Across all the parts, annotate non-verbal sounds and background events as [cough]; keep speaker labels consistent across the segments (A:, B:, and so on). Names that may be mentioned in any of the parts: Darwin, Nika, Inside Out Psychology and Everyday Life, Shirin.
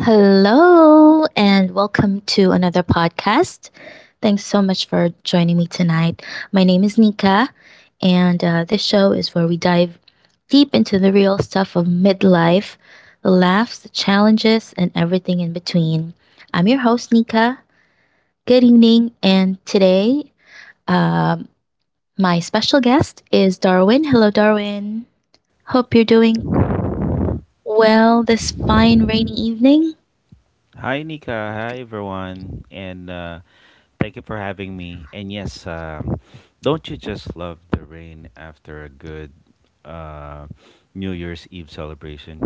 A: Hello, and welcome to another podcast. Thanks so much for joining me tonight. My name is Nika, and this show is where we dive deep into the real stuff of midlife: the laughs, the challenges, and everything in between. I'm your host, Nika. Good evening, and today um, my special guest is Darwin. Hello, Darwin. Hope you're doing well this fine rainy evening.
B: Hi, Nika. Hi, everyone. And thank you for having me. And yes, don't you just love the rain after a good uh, New Year's Eve celebration?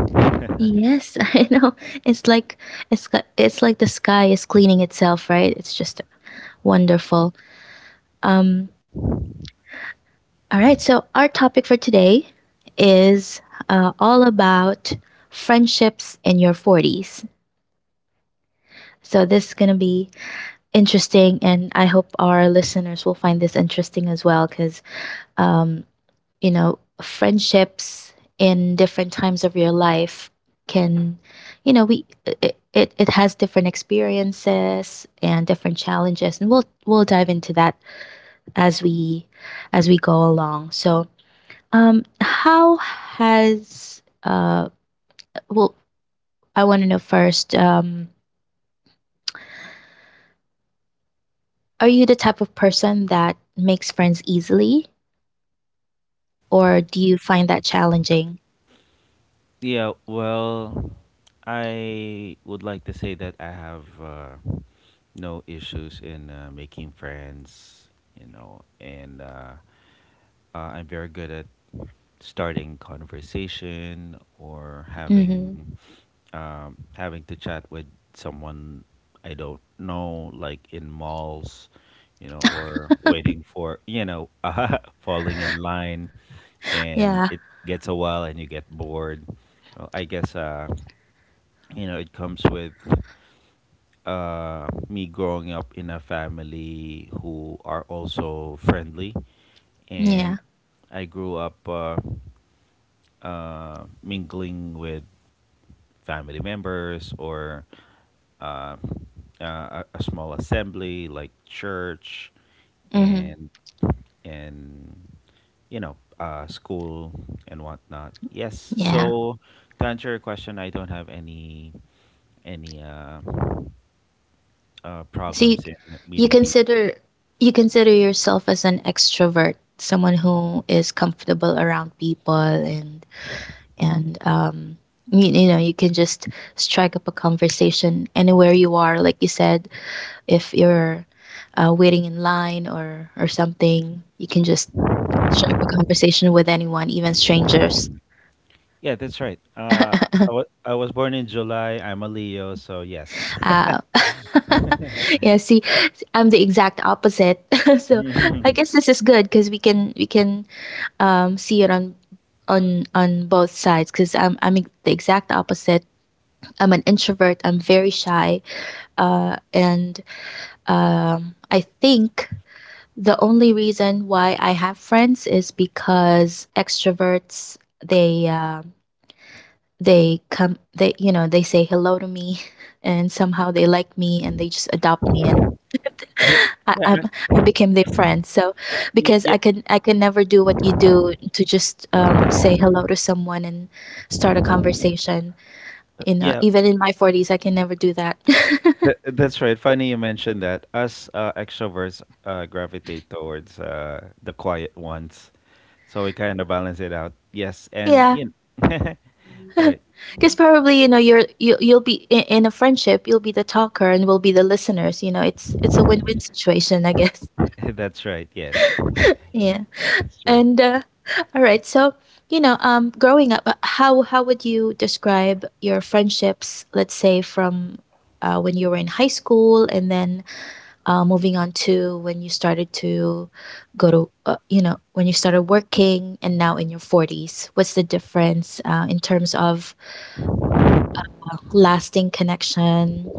A: Yes, [laughs] I know. It's like it's like the sky is cleaning itself, right? It's just wonderful. Um all right, so our topic for today is all about friendships in your 40s. So this is going to be interesting, and I hope our listeners will find this interesting as well, cuz um friendships in different times of your life can, you know, we it has different experiences and different challenges, and we'll dive into that as we as we go along. So, how has well, I want to know first, are you the type of person that makes friends easily, or do you find that challenging?
B: Yeah, well, I would like to say that I have no issues in making friends, you know, and I'm very good at starting conversation or
A: Mm-hmm.
B: having to chat with someone I don't know, like in malls, you know, or waiting for, [laughs] falling in line, and
A: Yeah,
B: it gets a while and you get bored. Well, I guess, you know it comes with me growing up in a family who are also friendly,
A: yeah,
B: and I grew up, mingling with family members, or uh, a small assembly like church,
A: mm-hmm.
B: and and you know, school and whatnot. Yes,
A: Yeah.
B: so to answer your question, I don't have any
A: So
B: problems in
A: you
B: meeting people.
A: consider you consider yourself as an extrovert, someone who is comfortable around people, and and you know you can just strike up a conversation anywhere you are. Like you said, if you're waiting in line or something, you can just strike up a conversation with anyone, even strangers.
B: Yeah, that's right.
A: [laughs]
B: I was born in July. I'm a Leo, so yes.
A: uh, [laughs] yeah, see, I'm the exact opposite. [laughs] So I
B: [laughs]
A: guess this is good, because we can see it on both sides, because I'm the exact opposite. I'm an introvert. I'm very shy, and I think the only reason why I have friends is because extroverts, they um they come they you know they say hello to me [laughs] and somehow they like me, and they just adopt me and
B: Hey,
A: I, I
B: yeah,
A: I became their friend. So,
B: yeah,
A: because
B: yeah,
A: I can never do what you do, to just say hello to someone and start a conversation. You know,
B: yeah.
A: even in my forties, I can never do that. [laughs]
B: That's right. Funny you mentioned that. Us extroverts gravitate towards the quiet ones, so we kind of balance it out. Yes, and
A: Yeah,
B: know, [laughs] right.
A: [laughs] because probably, you know, you'll be in a friendship. You'll be the talker and we'll be the listeners. You know, it's a win win situation, I guess.
B: [laughs] That's right. Yes,
A: [laughs] Yeah.
B: that's true.
A: And [laughs] all right, so, growing up, how would you describe your friendships? Let's say from when you were in high school, and then moving on to when you started to go to, when you started working, and now in your forties. What's the difference in terms of lasting connection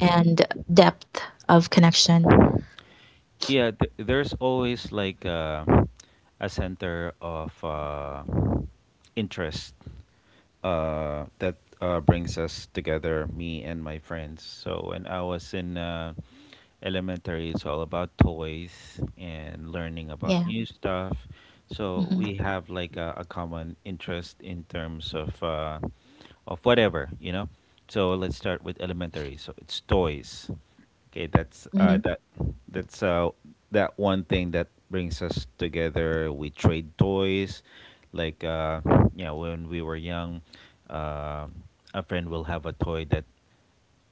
A: and depth of connection?
B: Yeah, there's always like a center of interest that brings us together, me and my friends. So when I was in elementary, it's all about toys and learning about
A: Yeah.
B: new stuff, so
A: Hmm.
B: we have like a common interest in terms of whatever, you know. So let's start with elementary, so it's toys. Okay, that's uh
A: Hmm.
B: that that's uh that one thing that brings us together. We trade toys, like, yeah, when we were young, uh, a friend will have a toy that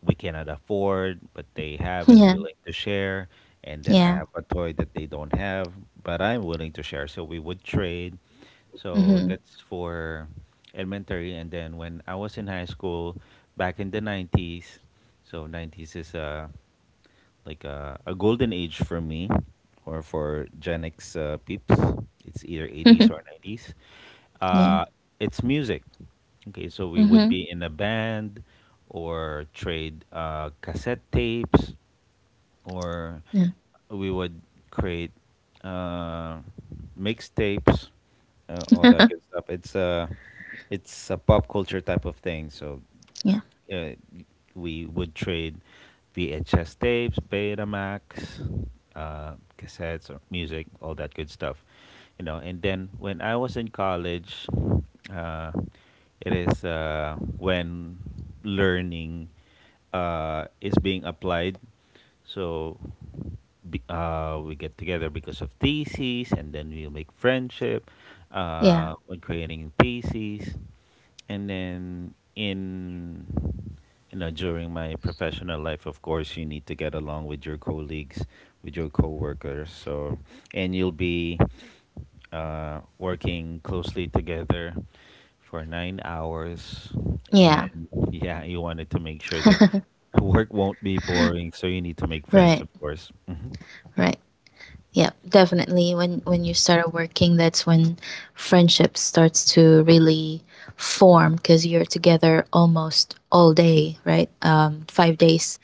B: we cannot afford, but they
A: [laughs]
B: have and
A: Yeah.
B: willing to share. And then
A: Yeah.
B: I have a toy that they don't have, but I'm willing to share. So we would trade. So
A: Hmm.
B: that's for elementary. And then when I was in high school, back in the 90s. So 90s is like a golden age for me, or for Gen X peeps. It's either 80s or
A: [laughs]
B: 90s.
A: yeah.
B: Uh, it's music. Okay, so we would
A: Hmm.
B: be in a band or trade cassette tapes, or
A: Yeah.
B: we would create uh, mixtapes, all that
A: [laughs]
B: good stuff. It's a pop culture type of thing. So
A: Yeah.
B: uh, we would trade VHS tapes, Betamax, cassettes, or music, all that good stuff. You know, and then when I was in college, uh, it is when learning is being applied. So, we get together because of theses, and then we'll make friendship
A: Yeah.
B: when creating theses. And then, in you know during my professional life, of course, you need to get along with your colleagues, with your coworkers. So, and you'll be working closely together for 9 hours,
A: Yeah.
B: and yeah, you wanted to make sure that work won't be boring. So you need to make friends,
A: Right.
B: of course. Hmm.
A: Right. Yeah. Definitely. When you start working, that's when friendship starts to really form, because you're together almost all day, right? 5 days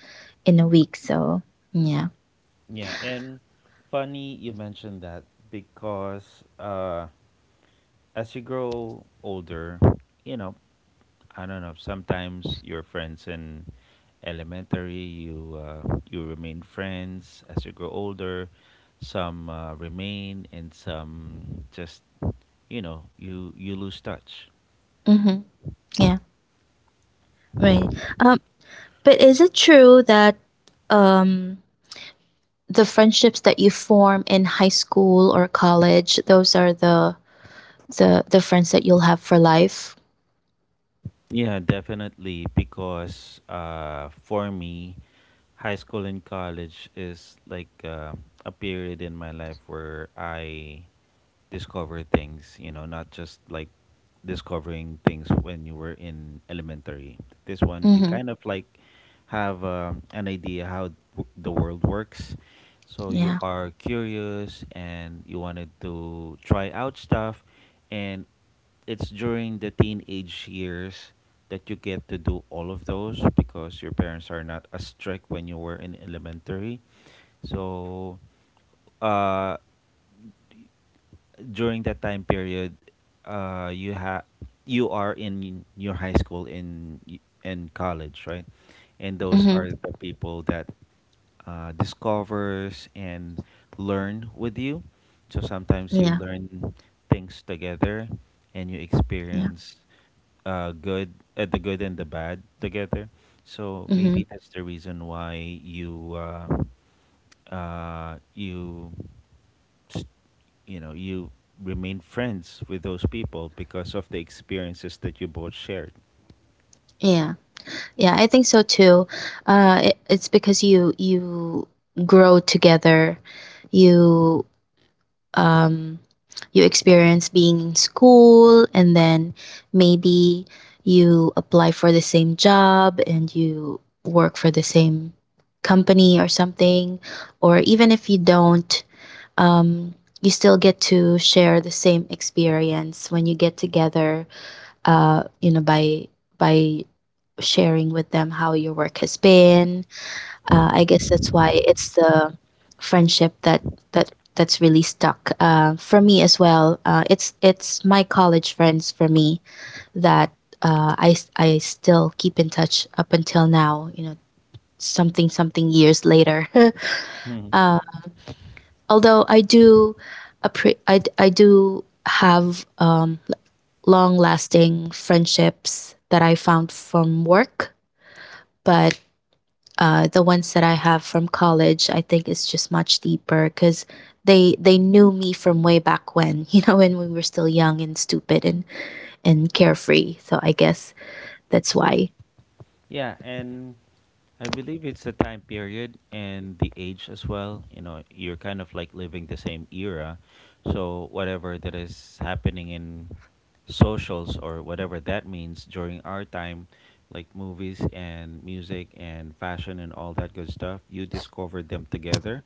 A: in a week. So, yeah.
B: Yeah, and funny you mentioned that because, as you grow older, you know, I don't know. Sometimes your friends in elementary, you uh, you remain friends as you grow older. Some remain, and some just, you know, you lose touch.
A: Mm-hmm. Yeah. Right. Um, but is it true that um the friendships that you form in high school or college, those are the friends that you'll have for life?
B: Yeah, definitely. Because, for me, high school and college is like a period in my life where I discover things, you know, not just like discovering things when you were in elementary. This one, you
A: Mm-hmm.
B: kind of like have, an idea how the world works. So you
A: Yeah.
B: are curious and you wanted to try out stuff. And it's during the teenage years that you get to do all of those because your parents are not as strict when you were in elementary. So, uh, during that time period, uh, you have you are in your high school, in college, right? And those
A: Mm-hmm.
B: are the people that discovers and learn with you. So sometimes you
A: Yeah,
B: learn things together, and you
A: yeah.
B: experience good the good and the bad together. So maybe
A: Mhm.
B: that's the reason why you you s- you know, you remain friends with those people because of the experiences that you both shared.
A: Yeah. Yeah, I think so too. It's because you grow together. You um you experience being in school, and then maybe you apply for the same job and you work for the same company or something, or even if you don't, um you still get to share the same experience when you get together, by by sharing with them how your work has been. I guess that's why it's the friendship that's really stuck, for me as well. It's my college friends, for me, that I still keep in touch up until now. You know, something something years later.
B: Hmm.
A: [laughs] uh, although I do, appre- I d- I do have long lasting friendships that I found from work, but the ones that I have from college, I think it's just much deeper, because they knew me from way back when, [laughs] you know, when we were still young and stupid, and carefree. So I guess that's why.
B: Yeah, and I believe it's the time period and the age as well. You know, you're kind of like living the same era. So whatever that is happening in socials, or whatever that means during our time, like movies and music and fashion and all that good stuff, you discovered them together.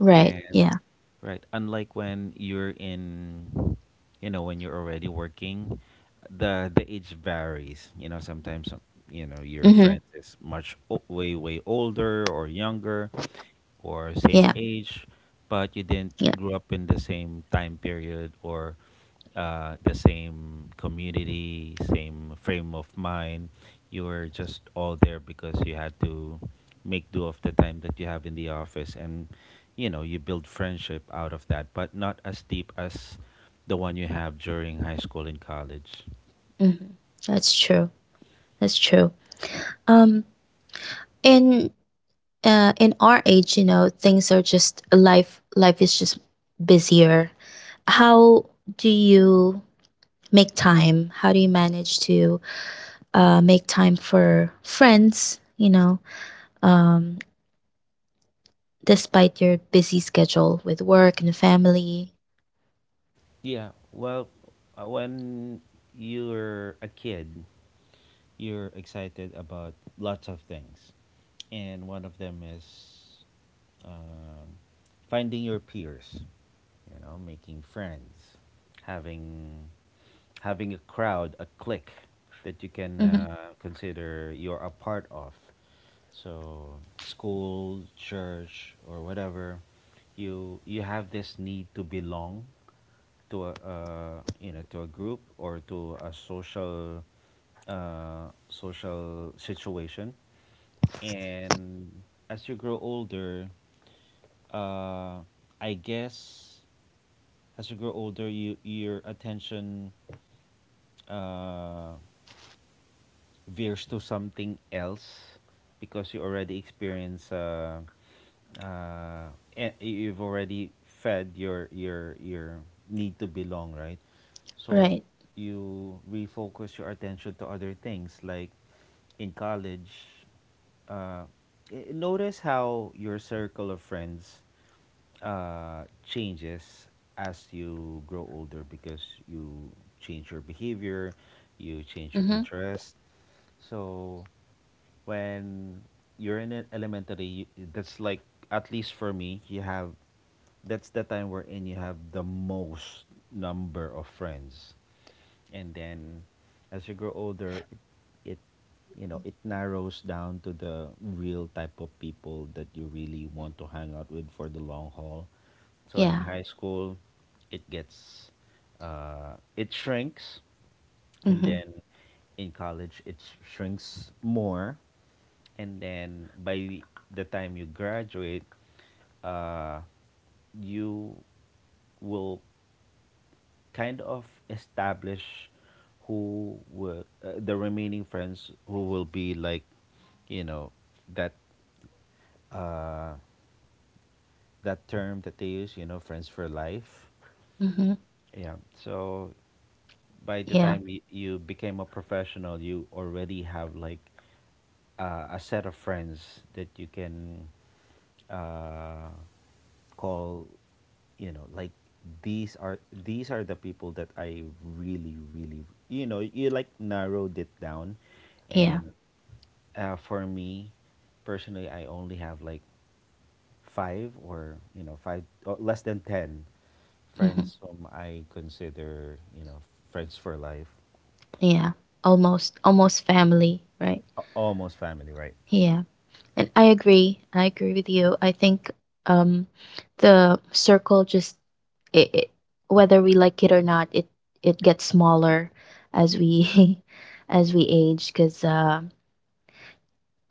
A: Right.
B: And
A: Yeah.
B: right, unlike when you're in, you know, when you're already working, the age varies. You know, sometimes, your
A: Mm-hmm.
B: friend is way older or younger, or
A: Yeah.
B: same age, but you didn't
A: Yeah.
B: grow up in the same time period or the same community, same frame of mind. You were just all there because you had to make do of the time that you have in the office, and you know you build friendship out of that, but not as deep as the one you have during high school and college.
A: Mm-hmm. That's true. That's true. Um. In in our age, you know, things are just life. Life is just busier. How do you make time? How do you manage to make time for friends, um, despite your busy schedule with work and family.
B: Yeah, well, when you're a kid, you're excited about lots of things, and one of them is um finding your peers, you know, making friends, having having a crowd, a clique that you can
A: Hmm.
B: consider you're a part of. So school, church, or whatever, you have this need to belong to a uh, to a group, or to a social situation. And as you grow older uh, i guess as you grow older, your attention uh, veers to something else because you already experience. Uh, you've already fed your need to belong, right? So
A: Right.
B: you refocus your attention to other things. Like in college, uh, notice how your circle of friends changes as you grow older because you change your behavior, you change your
A: Hmm.
B: interest. So when you're in elementary, that's like, at least for me, you have that's the time wherein you have the most number of friends, and then as you grow older, it you know it narrows down to the real type of people that you really want to hang out with for the long haul. So in
A: Yeah.
B: high school, it gets it shrinks, and
A: Hmm.
B: then in college shrinks more. And then by the time you graduate, uh, you will kind of establish who will, the remaining friends who will be like, you know, that uh that term that they use, you know, friends for life.
A: Hmm.
B: Yeah. So by the
A: Yeah.
B: time you became a professional, you already have like a set of friends that you can uh call, you know, like, these are the people that I really, really, you know, you like narrowed it down.
A: Yeah.
B: And for me personally, I only have like five, or, you know, five or less than ten
A: Hmm.
B: friends whom I consider, you know, friends for life.
A: Yeah. Almost, almost family. Right.
B: Almost family, right.
A: Yeah. And I agree. I agree with you. I think, um, the circle just it, it, whether we like it or not, it gets smaller as we [laughs] as we age, because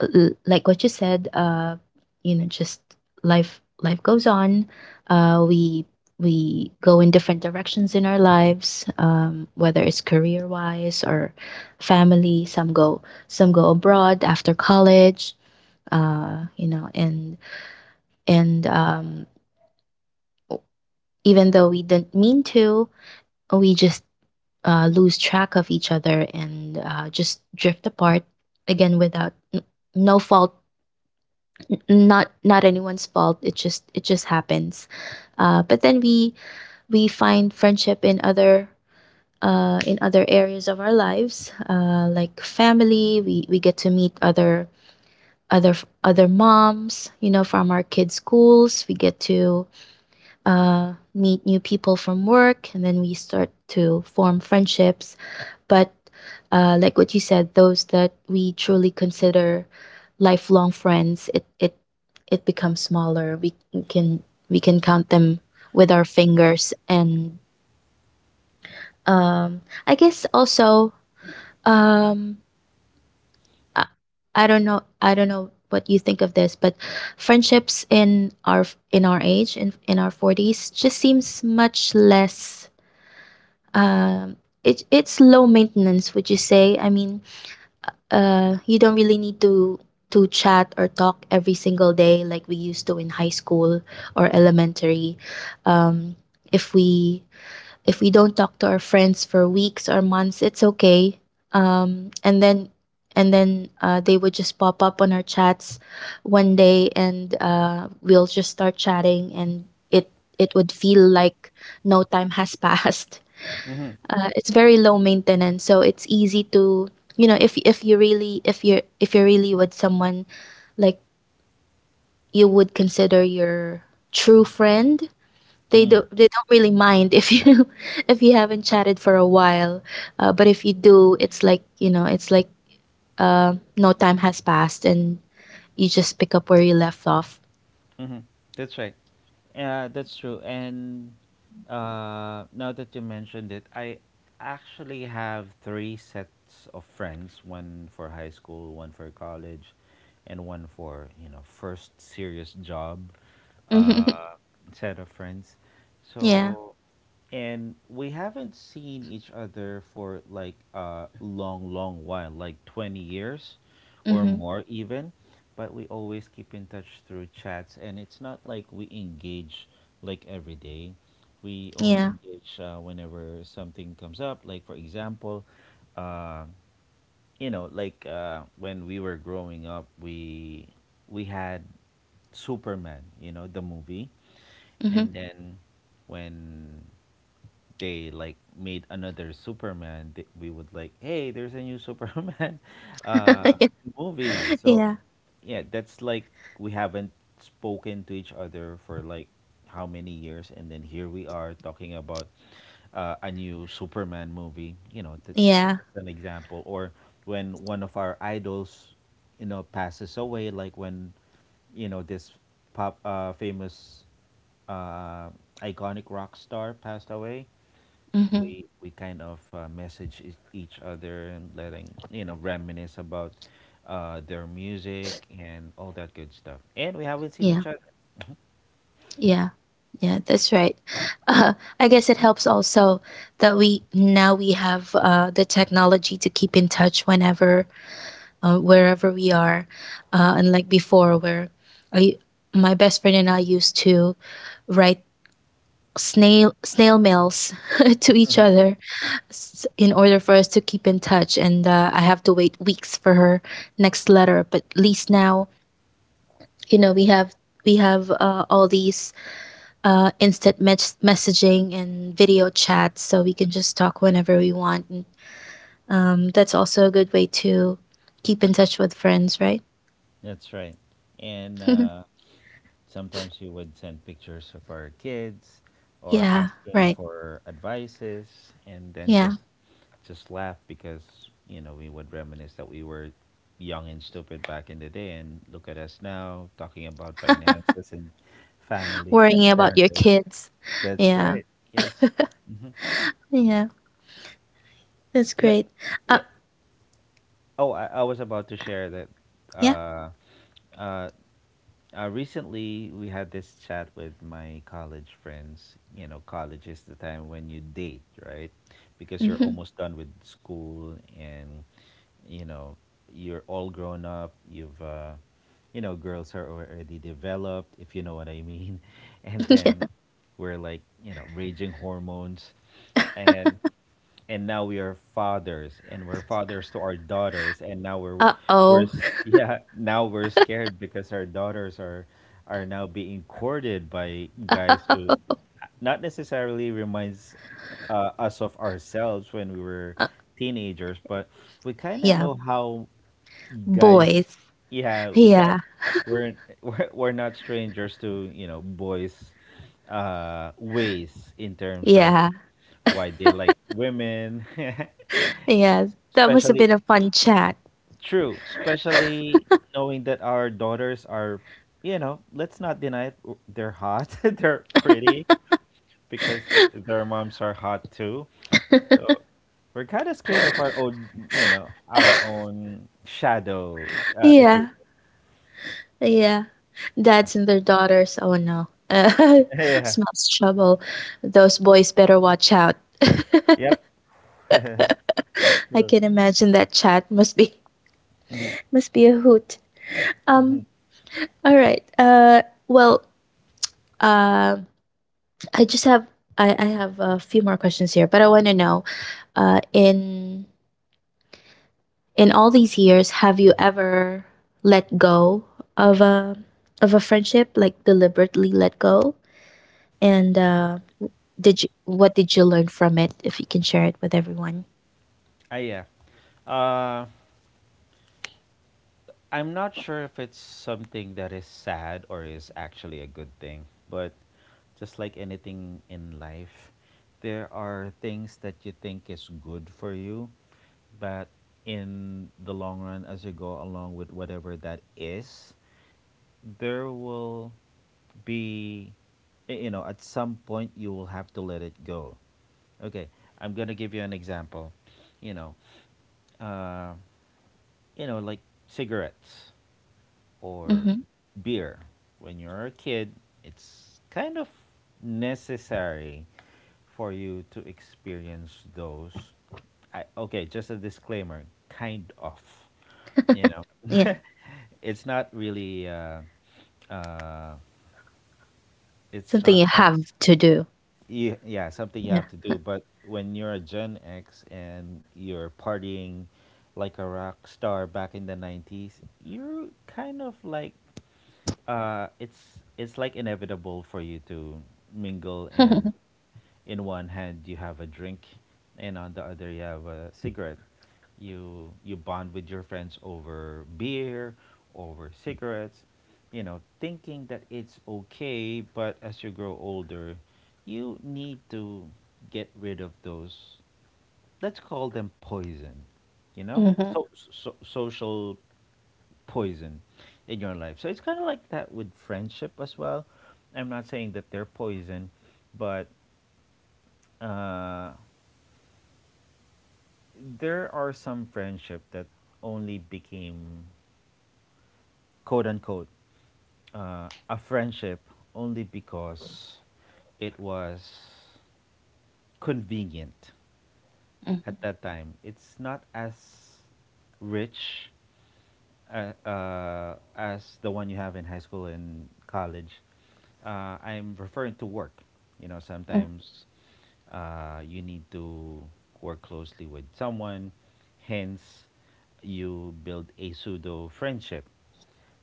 A: like what you said, just life goes on, uh we we go in different directions in our lives, whether it's career wise or family. Some go abroad after college, uh you know and and even though we didn't mean to, we just lose track of each other and just drift apart, again, without no fault, not anyone's fault, it just happens. But then we find friendship in other, in other areas of our lives, like family. We get to meet other other moms, from our kids schools. We get to meet new people from work, and then we start to form friendships. But like what you said, those that we truly consider lifelong friends, it becomes smaller. We can count them with our fingers. And I guess also, um, I, I don't know what you think of this, but friendships in our, in our age, in our forties, just seems much less, um, it's low maintenance, would you say? I mean, you don't really need to chat or talk every single day like we used to in high school or elementary. Um, if we don't talk to our friends for weeks or months, it's okay. And then, they would just pop up on our chats one day, and we'll just start chatting, and it would feel like no time has [laughs] passed.
B: Mm-hmm.
A: It's very low maintenance, so it's easy to, if you really if you're really with someone like you would consider your true friend, they don't really mind if you [laughs] if you haven't chatted for a while, but if you do, it's like no time has passed, and you just pick up where you left off.
B: Mhm. That's right. That's true. And now that you mentioned it, I actually have three sets of friends: one for high school, one for college, and one for, you know, first serious job
A: [laughs] Hmm.
B: uh, set of friends.
A: Yeah.
B: So, and we haven't seen each other for like a long, long while, like 20 years or
A: Hmm.
B: more even. But we always keep in touch through chats, and it's not like we engage like every day. We only
A: Yeah.
B: engage whenever something comes up. Like, for example, uh, when we were growing up, we had Superman, you know, the movie.
A: Hmm.
B: And then when they like made another Superman, we would like, "Hey, there's a new [laughs] Superman uh,
A: [laughs] yeah.
B: movie." So
A: Yeah.
B: yeah, that's like, we haven't spoken to each other for like how many years, and then here we are talking about a new Superman movie. You know,
A: Yeah.
B: just an example. Or when one of our idols, you know, passes away, like when, you know, this pop famous uh, iconic rock star passed away,
A: Hmm.
B: we kind of message each other, and letting, you know, reminisce about their music and all that good stuff. And we haven't seen
A: Yeah.
B: each other.
A: Yeah, yeah, that's right. I guess it helps also that we now we have the technology to keep in touch whenever, wherever we are, unlike before, where I, my best friend and I used to write snail mails [laughs] to each other, in order for us to keep in touch. And I have to wait weeks for her next letter, but at least now, we have, all these instant messaging and video chats, so we can just talk whenever we want. And, that's also a good way to keep in touch with friends, right?
B: That's right. And
A: [laughs]
B: sometimes we would send pictures of our kids, or
A: Yeah,
B: asking
A: right.
B: for advices, and then
A: Yeah.
B: just laugh, because you know we would reminisce that we were young and stupid back in the day, and look at us now talking about finances and family,
A: Worrying about your
B: parenting.
A: kids.
B: That's
A: Yeah.
B: right. Yes.
A: Yeah. That's
B: Yeah.
A: great. Uh,
B: Yeah. Oh, I was about to share that.
A: yeah.
B: Uh, uh, Recently, we had this chat with my college friends. You know, college is the time when you date, right? Because you're
A: Hmm.
B: almost done with school, and you know, you're all grown up. Girls are already developed, if you know what I mean. [laughs] And
A: [laughs] yeah.
B: then we're like, raging hormones, and now we are fathers and we're fathers to our daughters and now
A: Uh oh.
B: yeah, now we're scared because our daughters are now being courted by guys who
A: [laughs]
B: not necessarily reminds us of ourselves when we were teenagers, but we kind of
A: yeah.
B: know how guys,
A: Boys.
B: yeah,
A: Yeah.
B: we're, [laughs] we're not strangers to, you know, boys ways in terms of
A: Yeah.
B: why they like women. [laughs]
A: Yeah. That must have
B: Especially
A: been a fun chat.
B: true, especially knowing that our daughters are, you know, let's not deny it, they're hot, [laughs] they're pretty because their moms are hot too. So we're kind of scared of our own, you know, our own shadow, if you.
A: Yeah. Yeah, dads and their daughters. Oh no, [laughs]
B: [laughs] Yeah.
A: smells trouble. Those boys better watch out. [laughs]
B: Yep. It's
A: I
B: true.
A: can imagine that chat must be
B: Hmm.
A: [laughs] must be a hoot.
B: Hmm.
A: Um. All right. Well. Um. I just have. I have a few more questions here, but I want to know, uh, in in all these years, have you ever let go of a friendship, like deliberately let go? And Did you what did you learn from it, if you can share it with everyone?
B: Yeah. Uh, I'm not sure if it's something that is sad or is actually a good thing, but just like anything in life, there are things that you think is good for you, but in the long run, as you go along with whatever that is, there will be, you know, at some point you will have to let it go. Okay, I'm gonna give you an example. You know, uh, like cigarettes or
A: Mhm.
B: beer. When you're a kid, it's kind of necessary for you to experience those. Okay, just a disclaimer, kind of, you know,
A: Yeah.
B: [laughs] it's not really, uh, it's
A: Something
B: not
A: you have to do.
B: yeah, something you
A: Yeah.
B: have to do. But when you're a Gen X and you're partying like a rock star back in the 90s, you're kind of like, it's like inevitable for you to mingle, and
A: [laughs]
B: in one hand you have a drink and on the other you have a cigarette. You bond with your friends over beer, over cigarettes, you know, thinking that it's okay. But as you grow older, you need to get rid of those, let's call them poison, you know.
A: Mhm.
B: So social poison in your life. So it's kind of like that with friendship as well. I'm not saying that they're poison, but uh there are some friendship that only became, quote unquote, a friendship only because it was convenient at
A: Mhm.
B: that time. It's not as rich, as the one you have in high school and college. I'm referring to work. You know,
A: Mhm.
B: sometimes you need to work closely with someone. Hence, you build a pseudo friendship.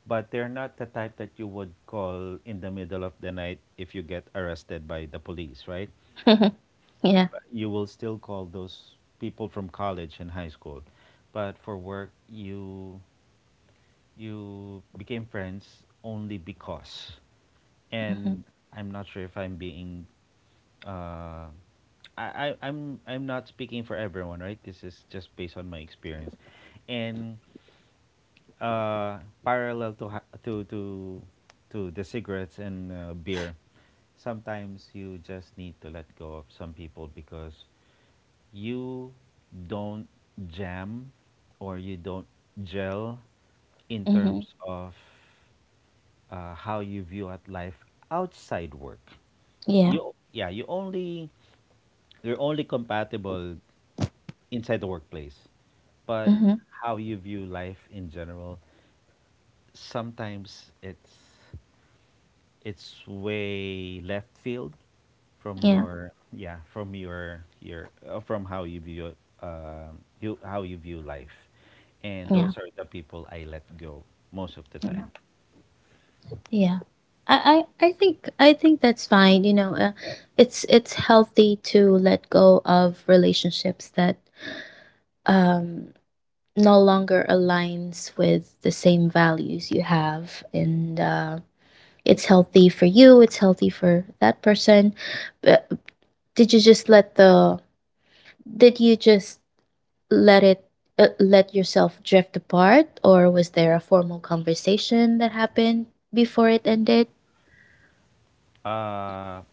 B: But they're not the type that you would call in the middle of the night if you get arrested by the police, right?
A: [laughs] Yeah.
B: You will still call those people from college and high school. But for work, you became friends only because.
A: Mhm.
B: And I'm not sure if I'm being uh, I'm not speaking for everyone, right? This is just based on my experience, and uh, parallel to the cigarettes and beer, sometimes you just need to let go of some people because you don't jam or you don't gel in
A: Mhm.
B: terms of how you view at life outside work.
A: Yeah.
B: You Yeah, you only, you're only compatible inside the workplace, but
A: Mhm.
B: how you view life in general, sometimes it's way left field from
A: Yeah.
B: your, yeah, from your from how you view, you how you view life, and those are the people I let go most of the
A: Yeah.
B: time.
A: Yeah. I think that's fine. It's healthy to let go of relationships that um no longer aligns with the same values you have, and it's healthy for you. It's healthy for that person. But did you just let the did you just let it let yourself drift apart, or was there a formal conversation that happened before it ended?
B: Uh,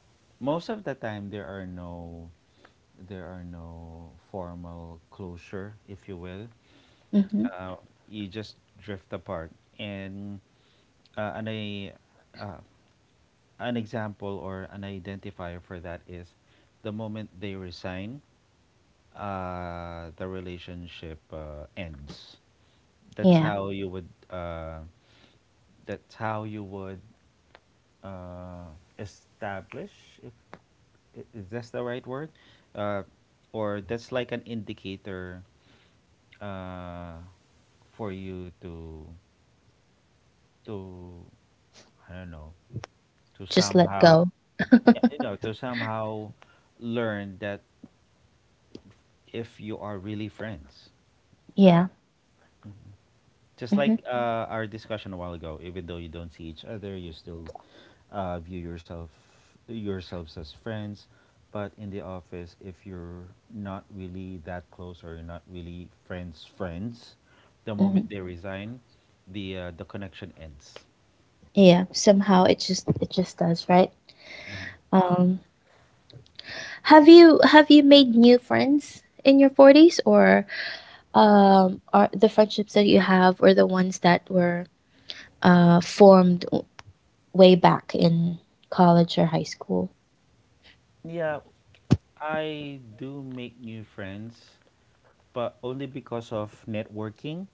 B: Most of the time there are no, there are no formal closure, if you will.
A: Mm-hmm.
B: uh, you just drift apart. And uh, an, a an example or an identifier for that is the moment they resign, the relationship ends. That's
A: Yeah.
B: how you would. That's how you would uh, establish. If I- Is this the right word, uh, or that's like an indicator uh, for you to to I don't know, to
A: Just let go.
B: somehow. Yeah, you know, to somehow learn that if you are really friends,
A: Yeah.
B: just
A: Hmm.
B: like our discussion a while ago, even though you don't see each other, you still view yourself yourselves as friends. But in the office, if you're not really that close or you're not really friends friends, the
A: Hmm.
B: moment they resign, the connection ends.
A: Yeah. Somehow it just does, right. Um, have you made new friends in your forties, or are the friendships that you have or the ones that were formed way back in college or high school?
B: Yeah, I do make new friends, but only because of networking,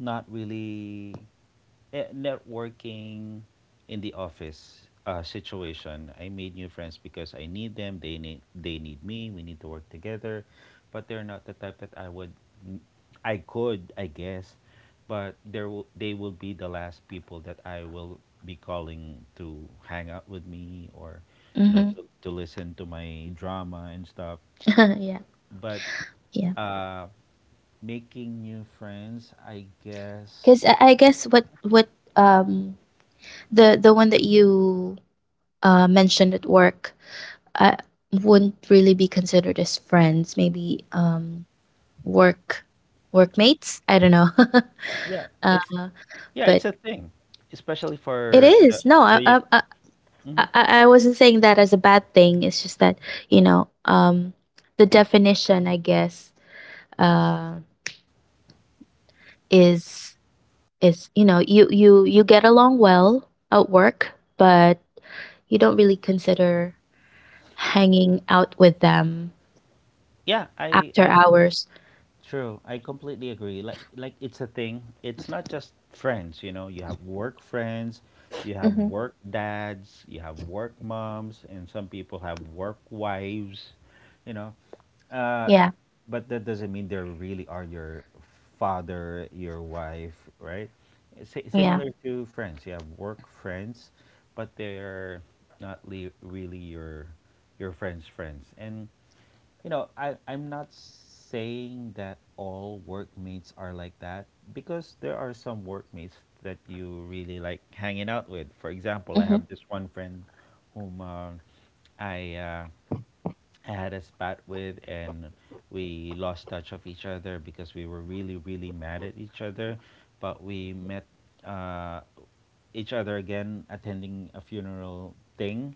B: not really, networking in the office situation. I made new friends because I need them. They need me. We need to work together, but they're not the type that I would, I could, I guess, but there will they will be the last people that I will be calling to hang out with me, or, you know,
A: Mm-hmm.
B: to listen to my drama and stuff.
A: [laughs] yeah,
B: But
A: yeah.
B: uh, making new friends, I
A: Because
B: guess.
A: I guess what, um the one that you mentioned at work, I wouldn't really be considered as friends. Maybe, work workmates. I don't know.
B: Yeah,
A: [laughs] uh,
B: it's Yeah, it's
A: but
B: a thing, especially
A: it
B: for the
A: is. No. I,
B: the.
A: I I
B: Mhm.
A: I I wasn't saying that as a bad thing. It's just that, you know um the definition, I guess, uh is is, you get along well at work, but you don't really consider hanging out with them
B: Yeah,
A: after
B: I
A: hours.
B: True, I completely agree. Like it's a thing. It's not just friends, you know. You have work friends, you have
A: Hmm.
B: work dads, you have work moms, and some people have work wives, you know. Uh
A: Yeah.
B: but that doesn't mean they really are your father, your wife, right?
A: Yeah.
B: Similar to friends. You have work friends, but they're not really your friends' friends. And you know, I'm not saying that all workmates are like that because there are some workmates that you really like hanging out with. For example, I
A: Hmm.
B: have this one friend whom, i uh, I had a spat with, and we lost touch of each other because we were really mad at each other. But we met, uh each other again, attending a funeral thing.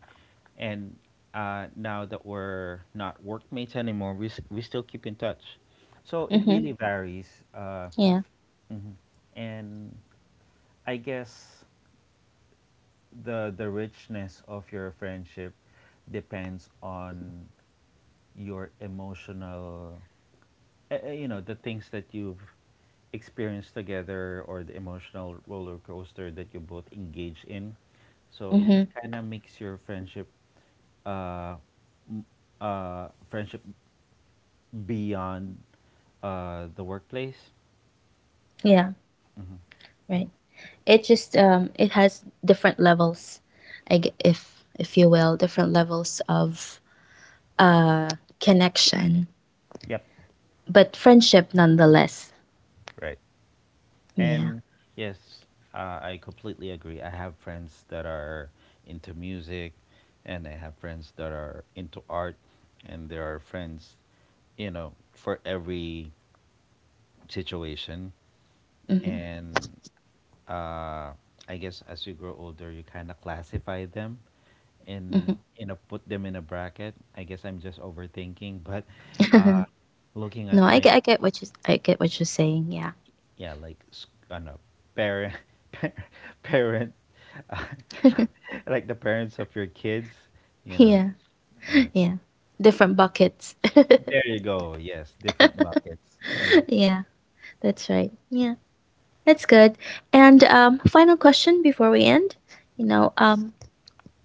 B: And now that we're not workmates anymore, we still keep in touch. So it
A: Hmm.
B: really varies.
A: Yeah.
B: Mhm. And I guess the richness of your friendship depends on your emotional, you know, the things that you've experienced together, or the emotional roller coaster that you both engage in. So it
A: Mm-hmm.
B: kind of makes your uh friendship beyond the workplace.
A: Yeah,
B: Hmm.
A: right. It just, it has different levels, I g- if you will, different levels of uh connection,
B: Yep.
A: but friendship nonetheless.
B: Right.
A: Yeah.
B: And yes, I completely agree. I have friends that are into music, and I have friends that are into art, and there are friends, you know, for every situation.
A: Mm-hmm.
B: And uh, I guess as you grow older, you kind of classify them and, you know, put them in a bracket. I guess I'm just overthinking, but
A: Mm-hmm.
B: uh, looking
A: [laughs] No,
B: at
A: I
B: my,
A: get I get what you I get what you're saying. Yeah.
B: yeah, ano, parent [laughs] par- parent, uh, [laughs] like the parents of your kids,
A: [laughs]
B: you know,
A: Yeah.
B: yeah.
A: Yeah. Different buckets.
B: There you go. Yes, different buckets. Mhm.
A: [laughs] yeah, that's right. Yeah. That's good. And, final question before we end, you know, um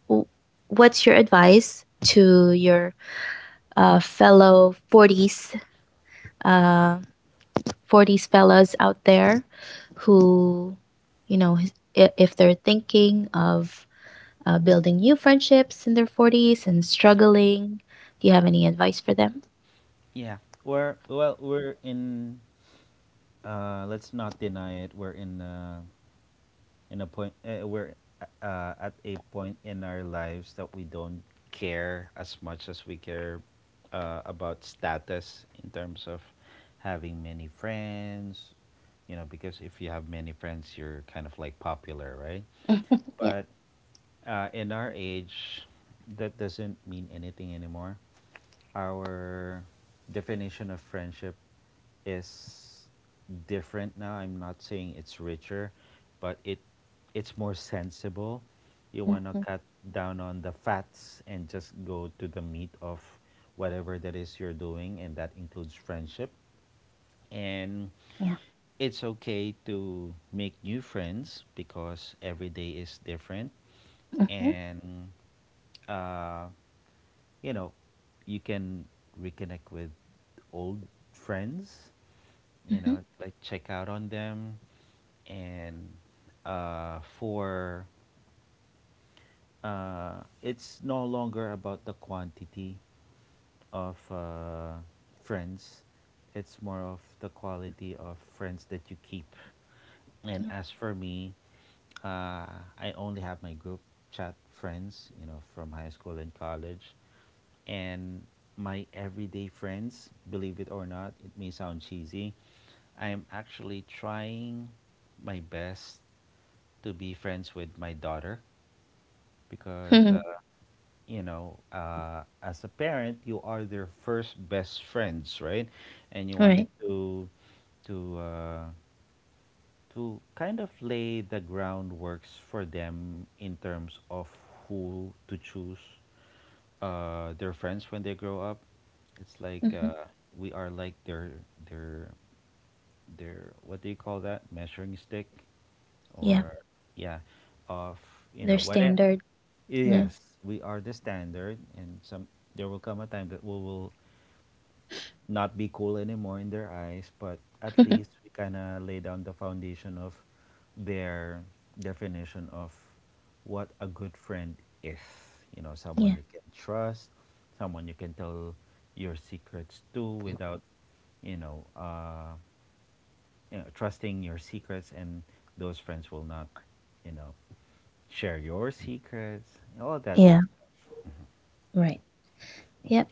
A: w- what's your advice to your, fellow 40s, uh, 40s fellas out there, who, if they're thinking of building new friendships in their 40s, and struggling, do you have any advice for them? [laughs]
B: Yeah, we're, we're in, let's not deny it, we're in, in a point we're at a point in our lives that we don't care as much as we care about status in terms of having many friends. You know, because if you have many friends, you're kind of like popular, right?
A: Mhm, yeah.
B: But in our age that doesn't mean anything anymore. Our definition of friendship is different now. I'm not saying it's richer, but it's more sensible. You want to
A: Hmm.
B: cut down on the fats and just go to the meat of whatever that is you're doing, and that includes friendship. And
A: Yeah.
B: it's okay to make new friends because every day is different,
A: Hmm.
B: and uh, you know, you can reconnect with old friends. You
A: Hmm. Yeah.
B: know, like, check out on them. And for it's no longer about the quantity of friends, it's more of the quality of friends that you keep. And
A: [laughs]
B: as for me, uh, I only have my group chat friends, you know, from high school and college, and my everyday friends. Believe it or not, it may sound cheesy, I am actually trying my best to be friends with my daughter, because
A: Mhm.
B: you know, as a parent you are their first best friends, right? And you
A: All
B: wanted
A: right.
B: to to uh, kind of lay the groundworks for them in terms of who to choose their friends when they grow up. It's like,
A: Hmm.
B: we are like their their, what do you call that, measuring stick,
A: Yeah.
B: or, yeah, of, you know,
A: Their
B: whatever.
A: standard. Yeah.
B: Yes, we are the standard, and some, there will come a time that we will not be cool anymore in their eyes. But at least we
A: [laughs]
B: kind of lay down the foundation of their definition of what a good friend is. You know, someone
A: yeah,
B: you can trust, someone you can tell your secrets to without, you know, you know, trusting your secrets, and those friends will not, you know, share your secrets. All that good.
A: yeah, right, yep.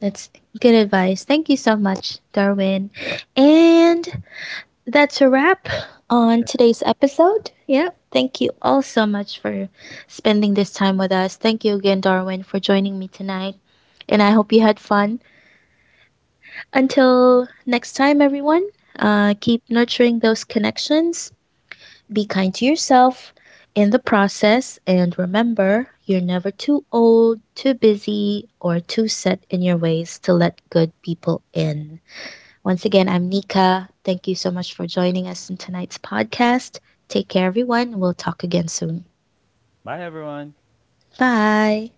A: That's good advice. Thank you so much, Darwin. And that's a wrap on today's episode. Yeah. Thank you all so much for spending this time with us. Thank you again, Darwin, for joining me tonight. And I hope you had fun. Until next time, everyone, keep nurturing those connections. Be kind to yourself in the process. And remember, you're never too old, too busy, or too set in your ways to let good people in. Once again, I'm Nika. Thank you so much for joining us in tonight's podcast. Take care, everyone. We'll talk again soon.
B: Bye, everyone.
A: Bye.